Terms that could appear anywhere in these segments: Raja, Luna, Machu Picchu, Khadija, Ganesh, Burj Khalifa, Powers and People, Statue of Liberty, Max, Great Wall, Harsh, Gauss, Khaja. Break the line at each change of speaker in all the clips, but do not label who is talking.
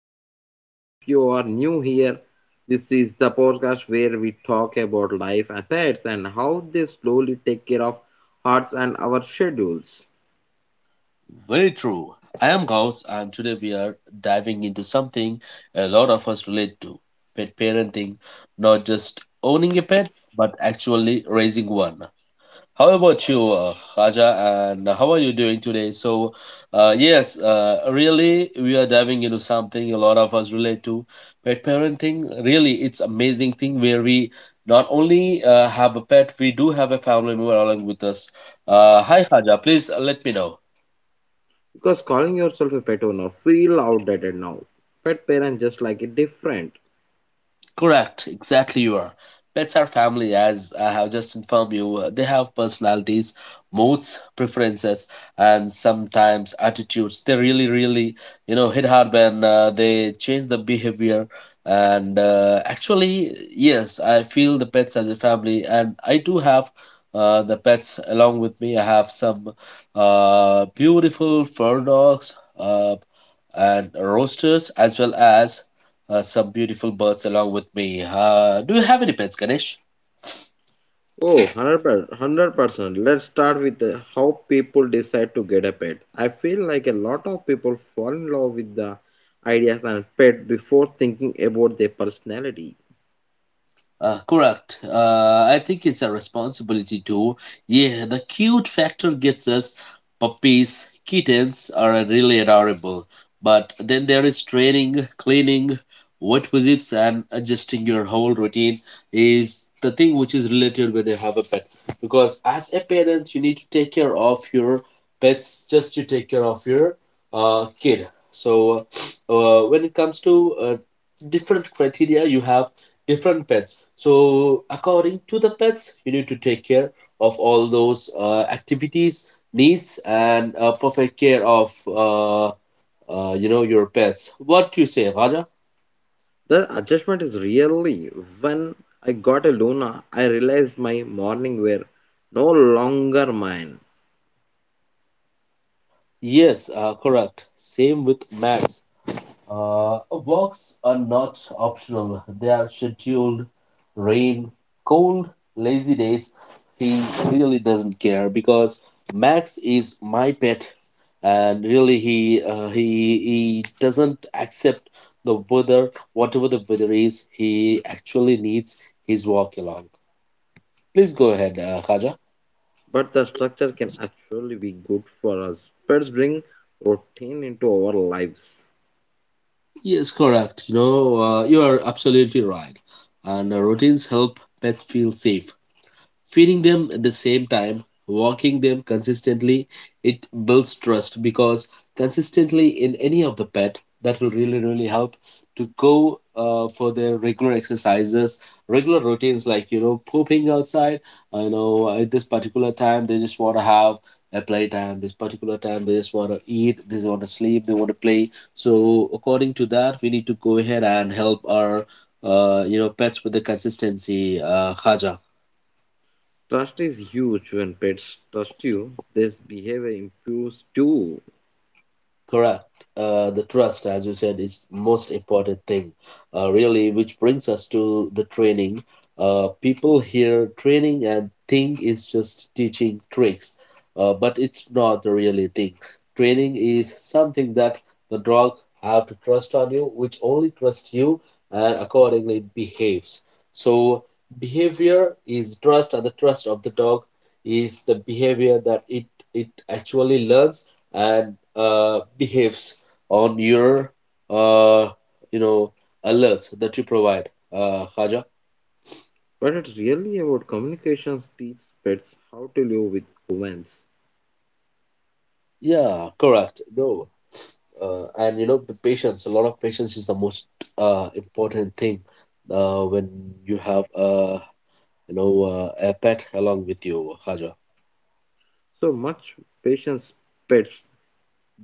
you really if you are new here, this is the podcast where we talk about life and pets and how they slowly take care of hearts and our schedules.
Very true. I am Gauss, and today we are diving into something a lot of us relate to: pet parenting, not just owning a pet, but actually raising one. How about you, Khaja, and how are you doing today? Really, we are diving into something a lot of us relate to: pet parenting. Really, it's amazing thing where we not only have a pet, we do have a family member along with us. Hi, Khaja, please let me know.
Because calling yourself a pet owner feel outdated now. Pet parents just like it different.
Correct, exactly you are. Pets are family, as I have just informed you. They have personalities, moods, preferences, and sometimes attitudes. They really, really, hit hard when they change the behavior. And actually, yes, I feel the pets as a family, and I do have the pets along with me. I have some beautiful fur dogs uh, and roosters, as well as some beautiful birds along with me. Do you have any pets, Ganesh?
Oh, 100%. Let's start with how people decide to get a pet. I feel like a lot of people fall in love with the ideas and pet before thinking about their personality.
Correct. I think it's a responsibility too. Yeah, the cute factor gets us. Puppies, kittens are really adorable. But then there is training, cleaning, vet visits, and adjusting your whole routine is the thing which is related when you have a pet. Because as a parent, you need to take care of your pets just to take care of your kid. So when it comes to different criteria, you have different pets. So according to the pets, you need to take care of all those activities, needs, and perfect care of your pets. What do you say, Raja?
The adjustment is really when I got a Luna, I realized my morning were no longer mine.
Yes, correct. Same with Max. Walks are not optional, they are scheduled. Rain, cold, lazy days. He really doesn't care because Max is my pet, and really he doesn't accept the weather, whatever the weather is. He actually needs his walk along. Please go ahead, Khaja.
But the structure can actually be good for us. Pets bring routine into our lives.
Yes, correct. You are absolutely right. And routines help pets feel safe: feeding them at the same time, walking them consistently. It builds trust, because consistently in any of the pet that will really, really help to go for their regular exercises, regular routines, like pooping outside. I know at this particular time they just want to have a playtime, this particular time they just want to eat, they want to sleep, they want to play. So according to that we need to go ahead and help our pets with the consistency, Khaja.
Trust is huge when pets trust you, their behavior improves too.
Correct. The trust, as you said, is most important thing, really, which brings us to the training. People hear training and think it's just teaching tricks, but it's not the really thing. Training is something that the dog have to trust on you, which only trusts you and accordingly behaves. So behavior is trust, and the trust of the dog is the behavior that it actually learns and behaves on your uh, you know alerts that you provide, Khaja?
But it's really about communications teach pets how to live with humans.
Yeah, correct. No, and you know the patience, a lot of patience, is the most important thing, when you have you know a pet along with you, Khaja.
So much patience pets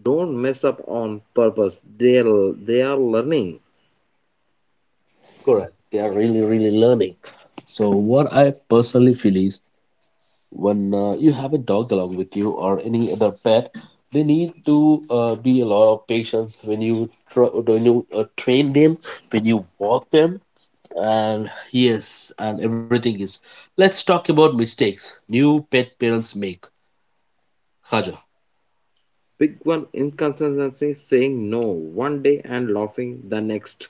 don't mess up on purpose. They are learning.
Correct, they are really, really learning. So what I personally feel is, when you have a dog along with you or any other pet, they need to be a lot of patience when when you train them, when you walk them, and yes, and everything is. Let's talk about mistakes new pet parents make, Khaja.
Big one inconsistency saying no one day and laughing the next.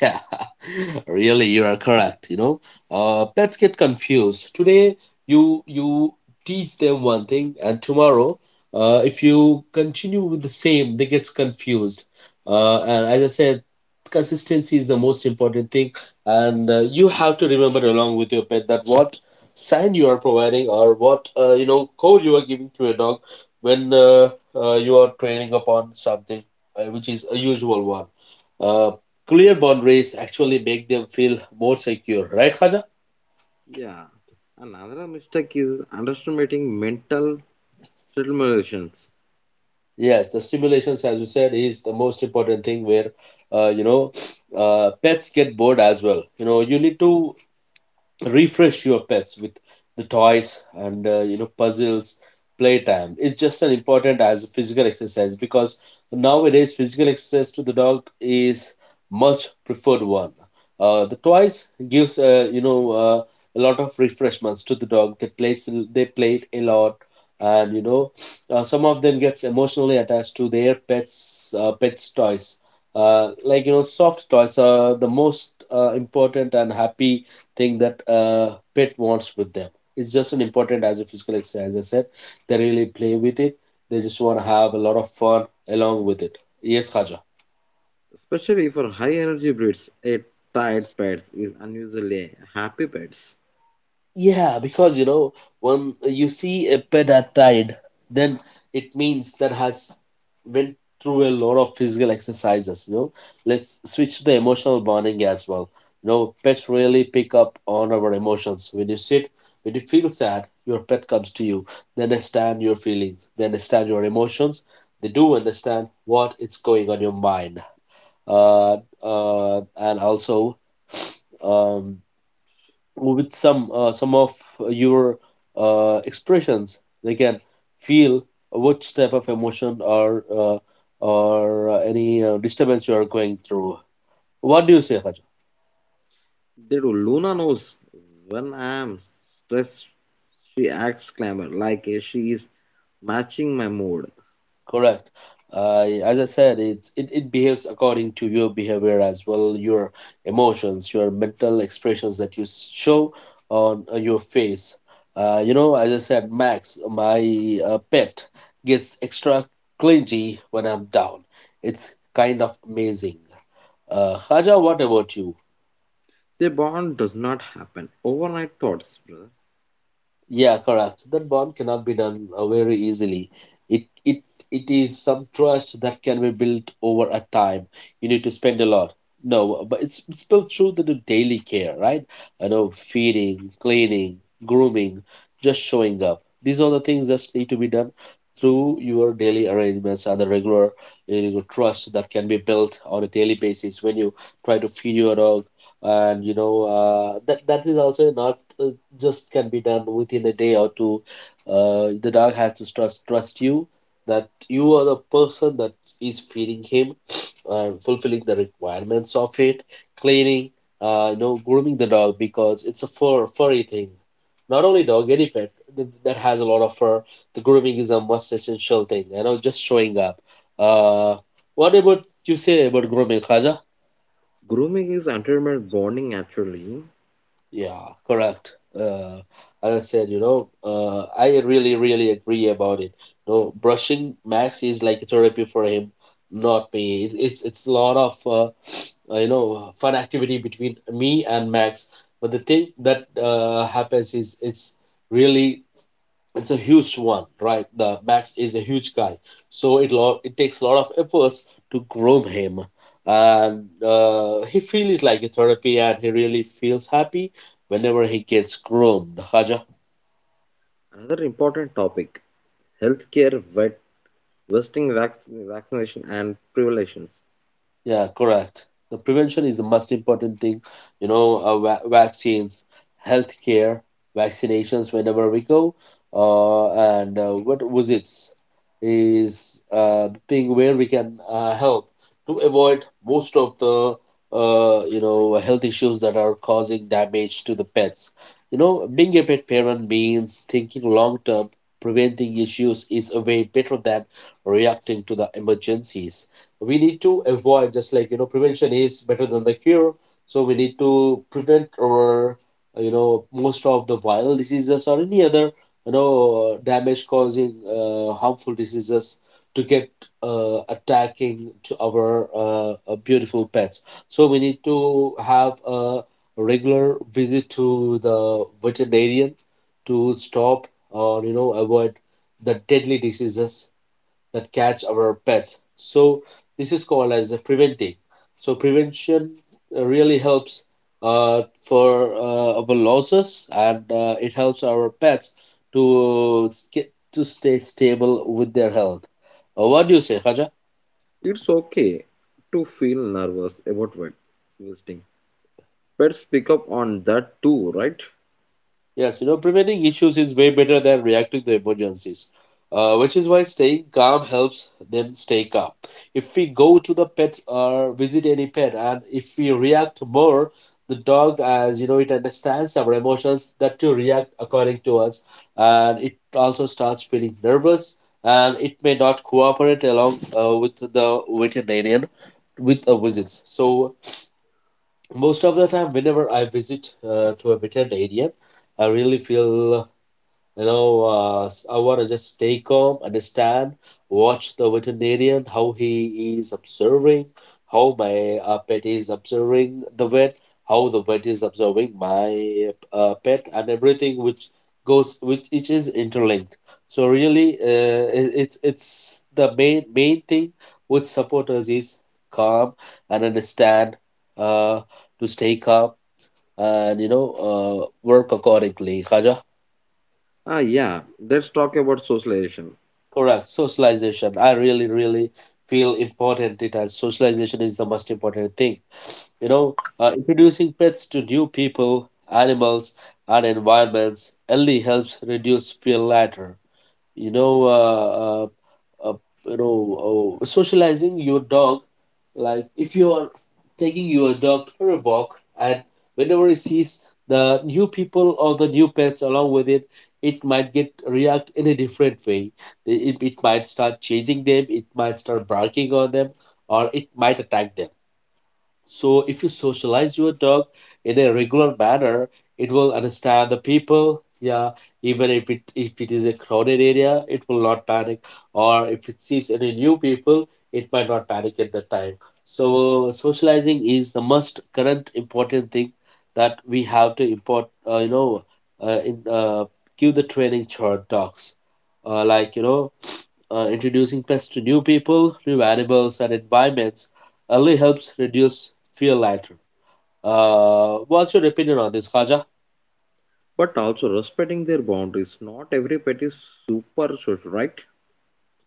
Yeah, really, you are correct. You know, pets get confused. Today, you teach them one thing, and tomorrow, if you continue with the same, they get confused. And as I said, consistency is the most important thing, and you have to remember along with your pet that what sign you are providing or what code you are giving to your dog when you are training upon something which is a usual one. Uh, Clear boundaries actually make them feel more secure, right, Khaja?
Yeah. Another mistake is underestimating mental stimulations.
Yes, the stimulations, as you said, is the most important thing where, uh, you know, pets get bored as well. You know, you need to refresh your pets with the toys and puzzles. Playtime, it's just as important as physical exercise, because nowadays physical exercise to the dog is much preferred one. The toys gives a lot of refreshments to the dog. They play it a lot, and some of them gets emotionally attached to their pets' toys, like soft toys are the most important and happy thing that a pet wants with them. It's just an important as a physical exercise. As I said, they really play with it. They just want to have a lot of fun along with it. Yes, Khaja.
Especially for high energy breeds, a tired pet is unusually happy pets.
Yeah, because you know, when you see a pet at died, then it means that has went through a lot of physical exercises. You know, let's switch to the emotional bonding as well. You know, pets really pick up on our emotions. When you sit, when you feel sad, your pet comes to you. They understand your feelings. They understand your emotions. They do understand what is going on your mind. Uh, and also, um, with some of your expressions they can feel which type of emotion, or any disturbance you are going through. What do you say, Harsh?
They do. Luna knows when I am stressed, she acts clamor like she is matching my mood.
Correct. As I said, it behaves according to your behavior as well, your emotions, your mental expressions that show on your face. You know, as I said, Max, my pet, gets extra clingy when I'm down. It's kind of amazing. Haja, what about you?
Their bond does not happen. Overnight thoughts, brother.
Yeah, correct. That bond cannot be done very easily. It it it is some trust that can be built over a time. You need to spend a lot. No, but it's built through the daily care, right? I know feeding, cleaning, grooming, just showing up. These are the things that need to be done through your daily arrangements and the regular, trust that can be built on a daily basis when you try to feed your dog, and that is also not just can be done within a day or two. The dog has to trust you, that you are the person that is feeding him and fulfilling the requirements of it: cleaning, grooming the dog, because it's a furry thing. Not only dog, any pet that has a lot of fur, the grooming is a must essential thing. You know, just showing up. Uh, what about you say about grooming, Khaja?
Grooming is entertainment bonding naturally.
Yeah, correct. Uh, as I said, I really, really agree about it. No, brushing Max is like therapy for him, not me. It's a lot of fun activity between me and Max. But the thing that happens is it's really it's a huge one, right? The Max is a huge guy, so it takes a lot of efforts to groom him, and he feels like a therapy, and he really feels happy whenever he gets groomed. Khaja.
Another important topic healthcare, vet, vesting vaccination, and prevelations.
Yeah, correct. The prevention is the most important thing. You know, vaccines, healthcare, vaccinations whenever we go, and what visits is the thing where we can help to avoid most of the health issues that are causing damage to the pets. You know, being a pet parent means thinking long term. Preventing issues is a way better than reacting to the emergencies. We need to avoid, just like prevention is better than the cure, so we need to prevent or most of the viral diseases or any other damage causing harmful diseases to get attacking to our beautiful pets. So we need to have a regular visit to the veterinarian to stop or avoid the deadly diseases that catch our pets. So this is called as a preventing. So prevention really helps for our losses, and it helps our pets to get to stay stable with their health. What do you say, Khaja?
It's okay to feel nervous about vet visiting. Let's pick up on that too, right?
Yes, you know, preventing issues is way better than reacting to emergencies, which is why staying calm helps them stay calm. If we go to the pet or visit any pet, and if we react more, the dog, as you know, it understands our emotions that to react according to us, and it also starts feeling nervous, and it may not cooperate along with the veterinarian with a visits. So most of the time whenever I visit to a wetland area I really feel I want to just stay calm, understand, watch the veterinarian, how he is observing, how my pet is observing the vet, how the vet is observing my pet, and everything which goes, which is interlinked. So really, it's the main thing which support us is calm and understand, uh, to stay calm and work accordingly. Haja.
Ah, yeah, let's talk about socialization,
Correct. Socialization. I really, really feel important it as socialization is the most important thing. Introducing pets to new people, animals, and environments only helps reduce fear later. you know uh, uh, uh, Socializing your dog, like if you are taking your dog for a walk and whenever it sees the new people or the new pets along with it, it might get react in a different way. It might start chasing them, it might start barking on them, or it might attack them. So, if you socialize your dog in a regular manner, it will understand the people. Yeah, even if it is a crowded area, it will not panic. Or if it sees any new people, it might not panic at that time. So, socializing is the most current important thing that we have to import. Uh, in, uh, Give the training to our dogs. Like you know, introducing pets to new people, new animals, and environments early helps reduce fear later. What's your opinion on this, Khaja?
but also respecting their boundaries. Not every pet is super social, right?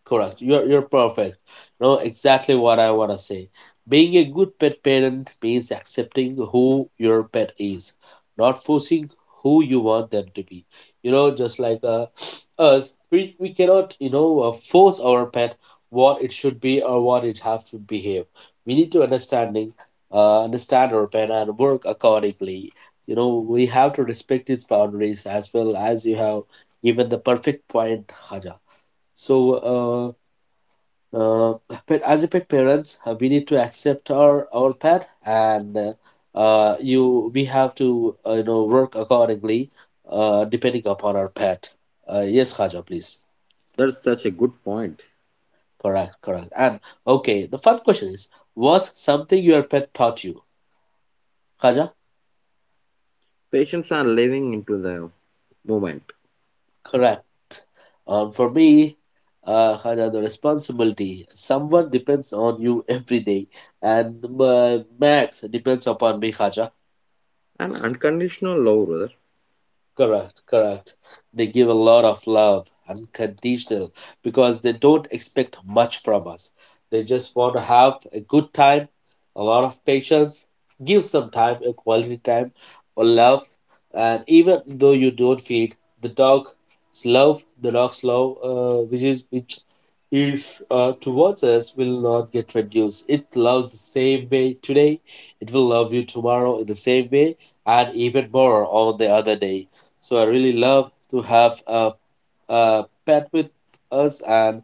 Correct. You're perfect. No, exactly what I wanna say. Being a good pet parent means accepting who your pet is, not forcing who you want them to be. You know, just like us, we cannot force our pet what it should be or what it have to behave. We need to understand our pet and work accordingly. You know, we have to respect its boundaries as well as you have given the perfect point, Haja. So uh, pet, as a pet parents, we need to accept our pet, and you we have to work accordingly, depending upon our pet. Yes, Khaja, please.
That's such a good point.
Correct, correct. And okay, the fun question is, what's something your pet taught you? Khaja,
Patients are living into the moment.
correct. For me, Khaja, the responsibility. Someone depends on you every day, and Max depends upon me, Khaja.
An unconditional lover,
Correct, correct. They give a lot of love, unconditional, because they don't expect much from us. They just want to have a good time, a lot of patience, give some time, a quality time, or love. And even though you don't feed, the dog's love, which is towards us, will not get reduced. It loves the same way today. It will love you tomorrow in the same way, and even more on the other day. So I really love to have a pet with us, and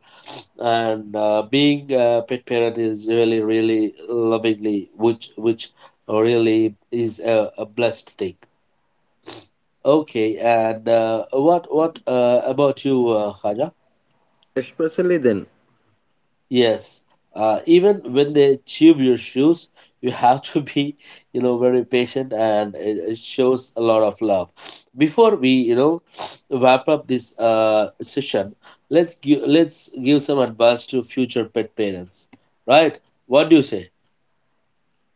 being a pet parent is really really lovingly, which really is a blessed thing. Okay, and what about you, Khaja?
especially then.
Yes. Even when they chew your shoes, you have to be, you know, very patient and it shows a lot of love. Before we, you know, wrap up this session, let's give some advice to future pet parents, right? What do you say?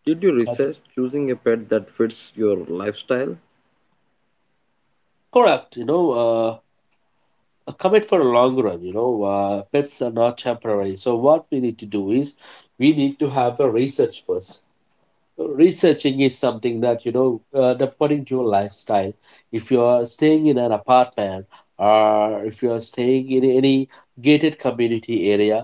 Did you
Correct.
research choosing a pet that fits your lifestyle
Correct. Commit for a long run. You know, pets are not temporary. So what we need to do is we need to have a research first. Researching is something that according to your lifestyle, if you are staying in an apartment or if you are staying in any gated community area,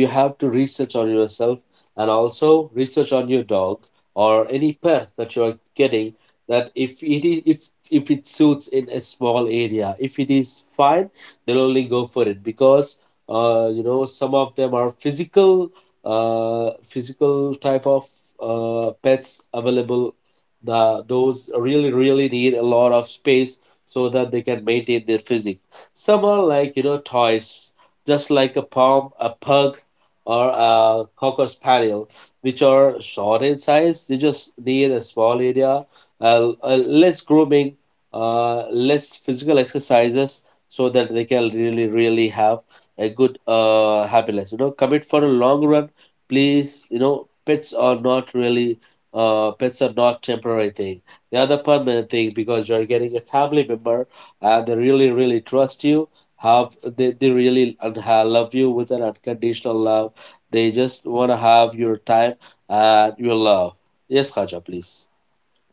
you have to research on yourself and also research on your dog or any pet that you are getting, that if it suits in a small area, if it is fine, they'll only go for it. Because you know, some of them are physical, physical type of pets available. The those really really need a lot of space so that they can maintain their physique. Some are like you know toys, just like a pom, a pug, or a cocker spaniel, which are short in size. They just need a small area, less grooming, less physical exercises, so that they can really really have a good happiness. You know, commit for a long run, please. You know, pets are not temporary thing, they are the permanent thing, because you're getting a family member and they really really trust you have, they really love you with an unconditional love. They just want to have your time and your love. Yes Khaja, please.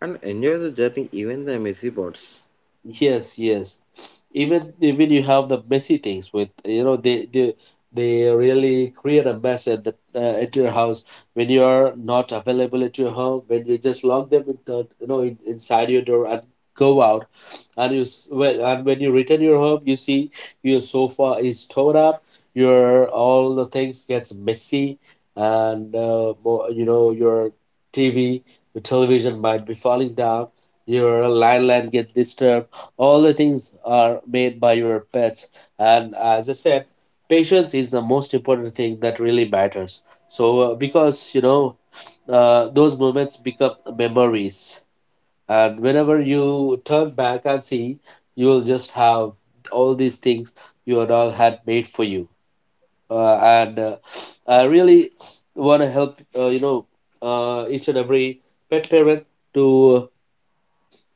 and enjoy the journey, even the messy parts?
Yes, yes. Even you have the messy things with you know, they really create a mess at the at your house, when you are not available at your home, when you just lock them in the, you know, inside your door and go out. And you s- when and when you return your home, you see your sofa is torn up, your all the things gets messy, and you know your TV, your television might be falling down, your landline get disturbed, all the things are made by your pets. And as I said, patience is the most important thing that really matters. So because you know, those moments become memories, and whenever you turn back and see, you will just have all these things your dog had made for you. And I really want to help each and every pet parent to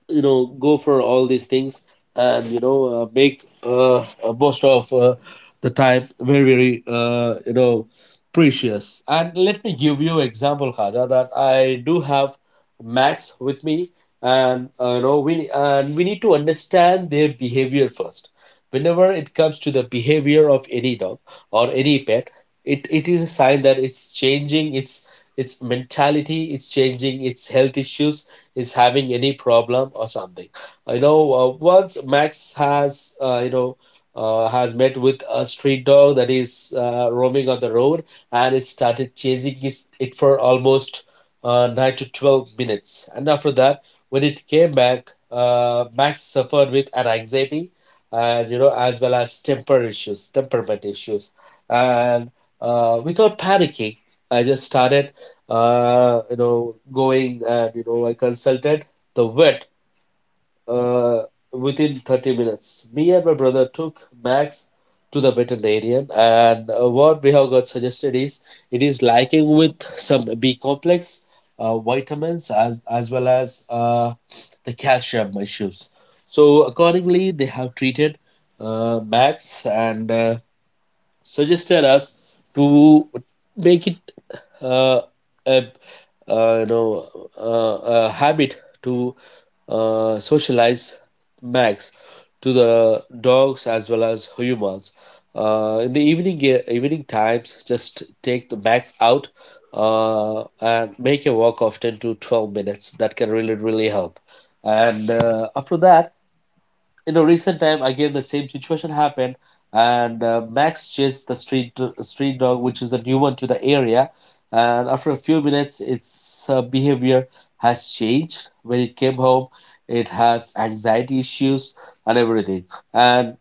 you know go for all these things. And make most of the time very very precious. And let me give you example, Khaja, that I do have Max with me, and you know, we need to understand their behavior first. Whenever it comes to the behavior of any dog or any pet, it is a sign that it's changing its mentality, it's changing its health issues, is having any problem or something. You know, once Max has, has met with a street dog that is roaming on the road, and it started chasing his, it for almost 9 to 12 minutes. And after that, when it came back, Max suffered with an anxiety and, you know, as well as temperament issues. And without panicking, I just started you know going and you know I consulted the vet uh, within 30 minutes. Me and my brother took Max to the veterinarian, and what we have got suggested is it is liking with some B complex vitamins as well as the calcium issues. So accordingly, they have treated Max and suggested us to make it uh, a, you know a habit to socialize Max to the dogs as well as humans. In the evening times, just take the Max out and make a walk of 10 to 12 minutes. That can really really help. And after that, in a recent time, again the same situation happened, and max chased the street dog, which is a new one to the area, and after a few minutes its behavior has changed. When it came home, it has anxiety issues and everything. And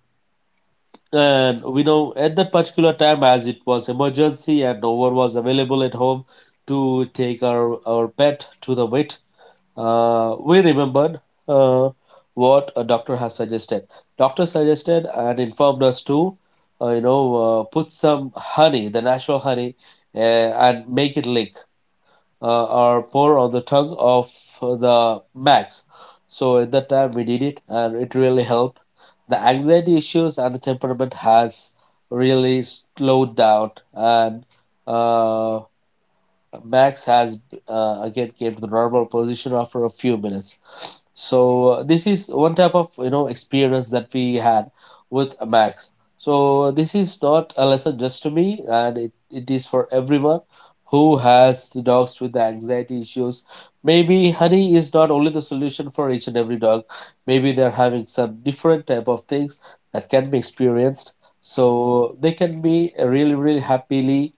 we know at that particular time, as it was emergency and no one was available at home to take our pet to the vet, we remembered uh, what a doctor has suggested. Doctor suggested and informed us to, put some honey, the natural honey, and make it lick or pour on the tongue of the max. So at that time we did it, and it really helped. The anxiety issues and the temperament has really slowed down, and uh, Max has again came to the normal position after a few minutes. So this is one type of you know experience that we had with Max. So this is not a lesson just to me, and it is for everyone who has the dogs with the anxiety issues. Maybe honey is not only the solution for each and every dog. Maybe they're having some different type of things that can be experienced. So they can be really, really happily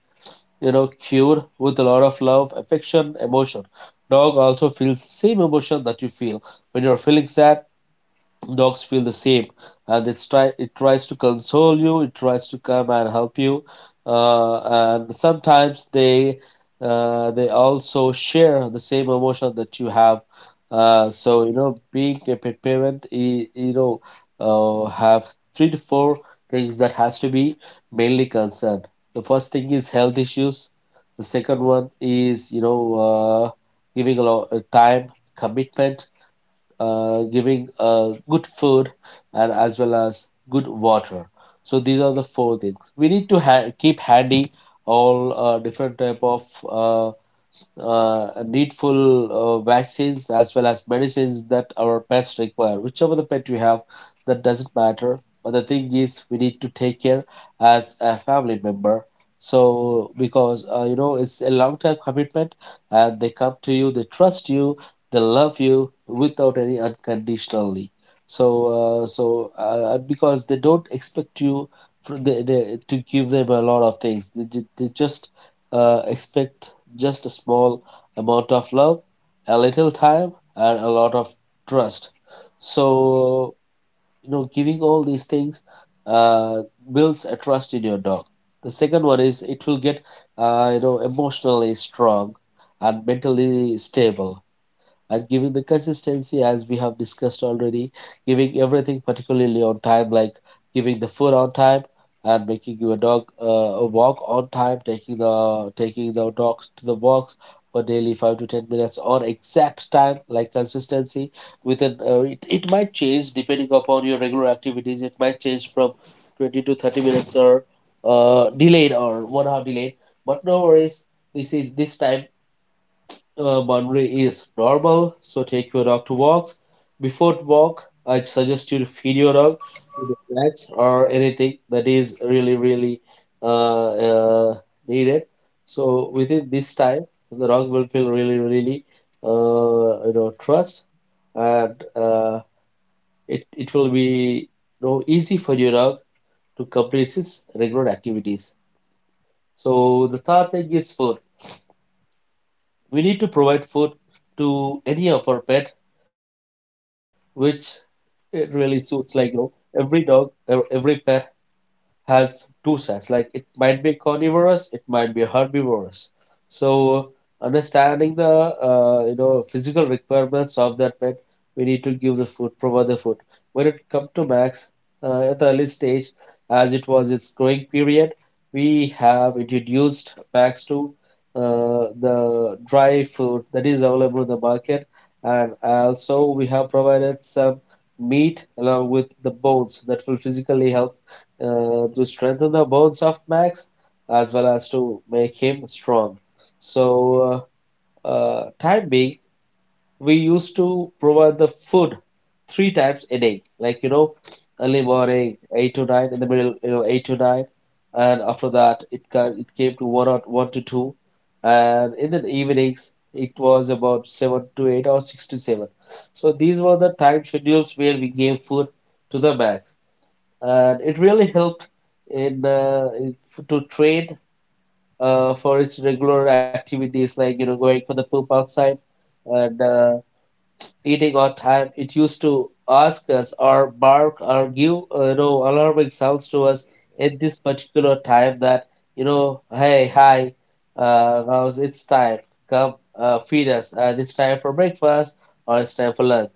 cured with a lot of love, affection, emotion. Dog also feels the same emotion that you feel. When you're feeling sad, dogs feel the same, and it tries to console you. It tries to come and help you. uh, and sometimes they, they also share the same emotion that you have. So being a pet parent, you know have three to four things that has to be mainly concerned. The first thing is health issues. The second one is, uh, giving a lot of time, commitment, giving good food, and as well as good water. So these are the four things we need to keep handy. All different type of uh, needful, vaccines as well as medicines that our pets require. Whichever the pet you have, that doesn't matter. But the thing is, we need to take care as a family member. So because it's a long time commitment, and they come to you, they trust you, they love you without any, unconditionally. So because they don't expect you for, to give them a lot of things. They just expect just a small amount of love, a little time, and a lot of trust. So giving all these things uh, builds a trust in your dog. The second one is it will get emotionally strong and mentally stable, and giving the consistency as we have discussed already, giving everything particularly on time, like giving the food on time and making your dog a walk on time, taking the dogs to the walks for daily 5 to 10 minutes on exact time, like consistency. With an it might change depending upon your regular activities. It might change from 20 to 30 minutes, or delayed or one hour delayed. But no worries. This time boundary is normal, so take your dog to walks. Before walk, I suggest you to feed your dog with the snacks or anything that is really, really uh, uh, needed. So within this time, the dog will feel really, really trust, and it, it will be, easy for your dog to complete his regular activities. So the third thing is food. We need to provide food to any of our pet, which it really suits. Like every dog, every pet has two sides. Like it might be carnivorous, it might be herbivorous. So understanding the physical requirements of that pet, we need to give the food, provide the food. When it comes to Max, at the early stage, as it was its growing period, we have introduced Max to the dry food that is available in the market, and also we have provided some meat along with the bones that will physically help to strengthen the bones of Max as well as to make him strong. So, time being, we used to provide the food three times a day, like early morning eight to nine, in the middle eight to nine, and after that it came to one or one to two, and in the evenings it was about seven to eight or six to seven. So these were the time schedules where we gave food to the Max, and it really helped in, in, to train for its regular activities, like going for the poop outside and eating on time. It used to ask us or bark or give alarming sounds to us at this particular time that, hey, hi, now it's time. Come, feed us, and it's time for breakfast or it's time for lunch.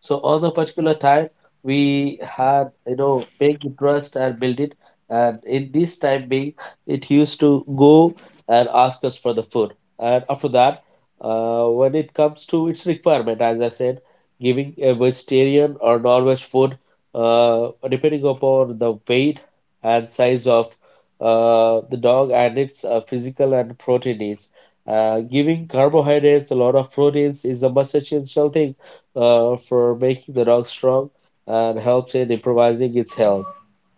So on the particular time, we had paying interest and build it. And in this time being, it used to go and ask us for the food. And after that, when it comes to its requirement, as I said, giving a vegetarian or non-veg food, depending upon the weight and size of the dog and its physical and protein needs. Giving carbohydrates, a lot of proteins is a must essential thing for making the dog strong and helps in improvising its health.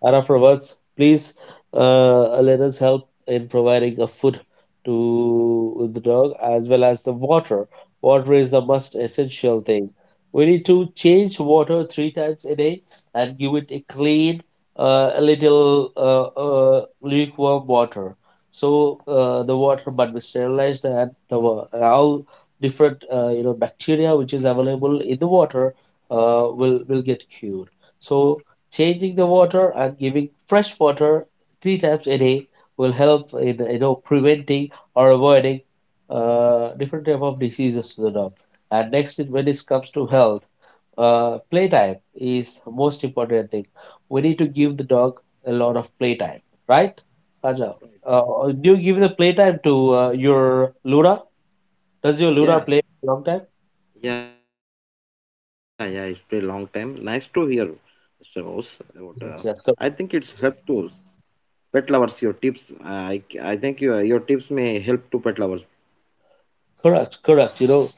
And afterwards, please let us help in providing a food to the dog as well as the water. Water is the most essential thing. We need to change water three times a day and give it a clean, a little lukewarm water. So the water must be sterilized, and all different bacteria which is available in the water will get cured. So changing the water and giving fresh water three times a day will help in preventing or avoiding different type of diseases to the dog. And next, is when it comes to health, playtime is most important thing. We need to give the dog a lot of playtime, right? Raja, uh, do you give the playtime to your Luna? Does your Luna
Yeah,
play long time?
yeah, It's been a long time. Nice to hear. Mr. Rose, about I
Yes,
think
yes, good.
it's helped to pet lovers. Your tips. I think your tips may help to pet lovers.
Correct, correct. You know,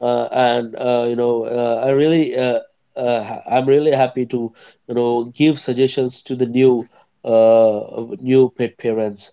uh, And I really, I'm really happy to, you know, give suggestions to the new, uh, new pet parents.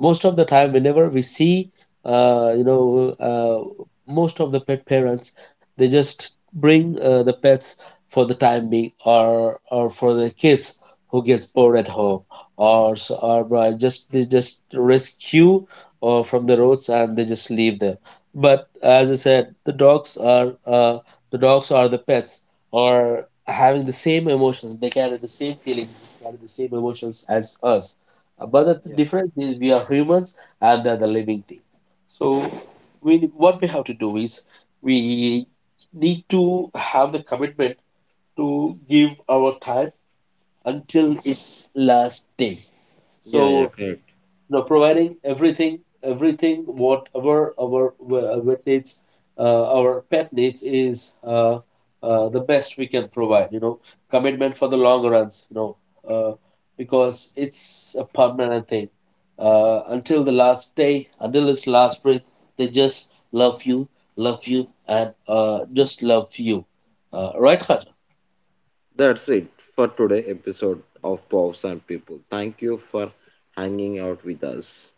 Most of the time, whenever we see, uh, you know, uh, most of the pet parents, they just bring the pets for the time being, or for the kids who gets bored at home, or just they just rescue or from the roads, and they just leave them. But as I said, the dogs are the pets are having the same emotions. They carry the same feelings, they carry the same emotions as us. But the
Yeah,
difference is we are humans and they're the living things. So we what we have to do is we need to have the commitment to give our time until its last day.
yeah, yeah,
So
correct.
you know, providing everything, everything whatever our vet needs, our pet needs is the best we can provide. You know, commitment for the long runs. You know, uh, because it's a permanent thing. Until the last day, until its last breath, they just love you, love you, and just love you. Right, Khadija?
That's it for today episode of Pops and People. Thank you for hanging out with us.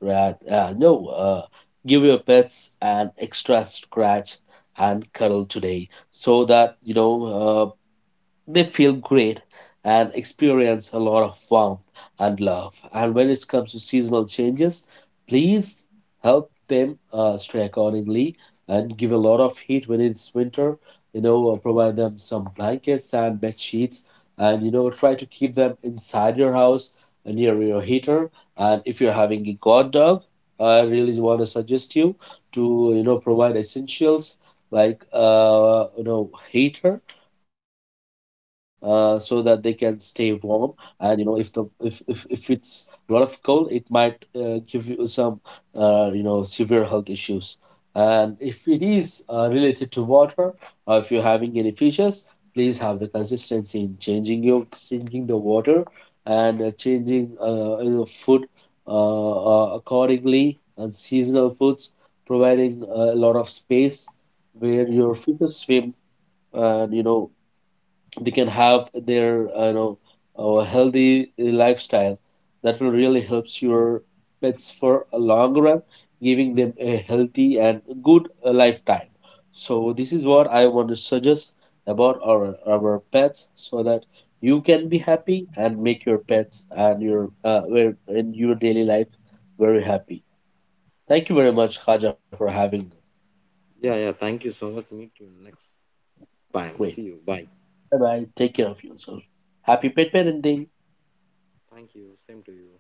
Right. No, give your pets an extra scratch and cuddle today so that, they feel great and experience a lot of warmth and love. And when it comes to seasonal changes, please help them stray accordingly and give a lot of heat when it's winter. You know, provide them some blankets and bed sheets, and you know, try to keep them inside your house near your heater. And if you're having a guard dog, I really want to suggest you to provide essentials like heater, so that they can stay warm. And you know, if the if it's a lot of cold, it might give you some severe health issues. And if it is related to water, or if you're having any fishes, please have the consistency in changing your changing the water and changing food uh, accordingly, and seasonal foods, providing a lot of space where your fishes swim, and you know, they can have their a healthy lifestyle. That will really helps your pets for a long run, giving them a healthy and good lifetime. So this is what I want to suggest about our pets, so that you can be happy and make your pets and your in your daily life very happy. Thank you very much, Khaja, for having me.
Yeah, yeah. Thank you so much. Meet you next time.
Great.
See you. Bye.
Bye bye, take care of yourself. Happy pet parenting.
Thank you. Same to you.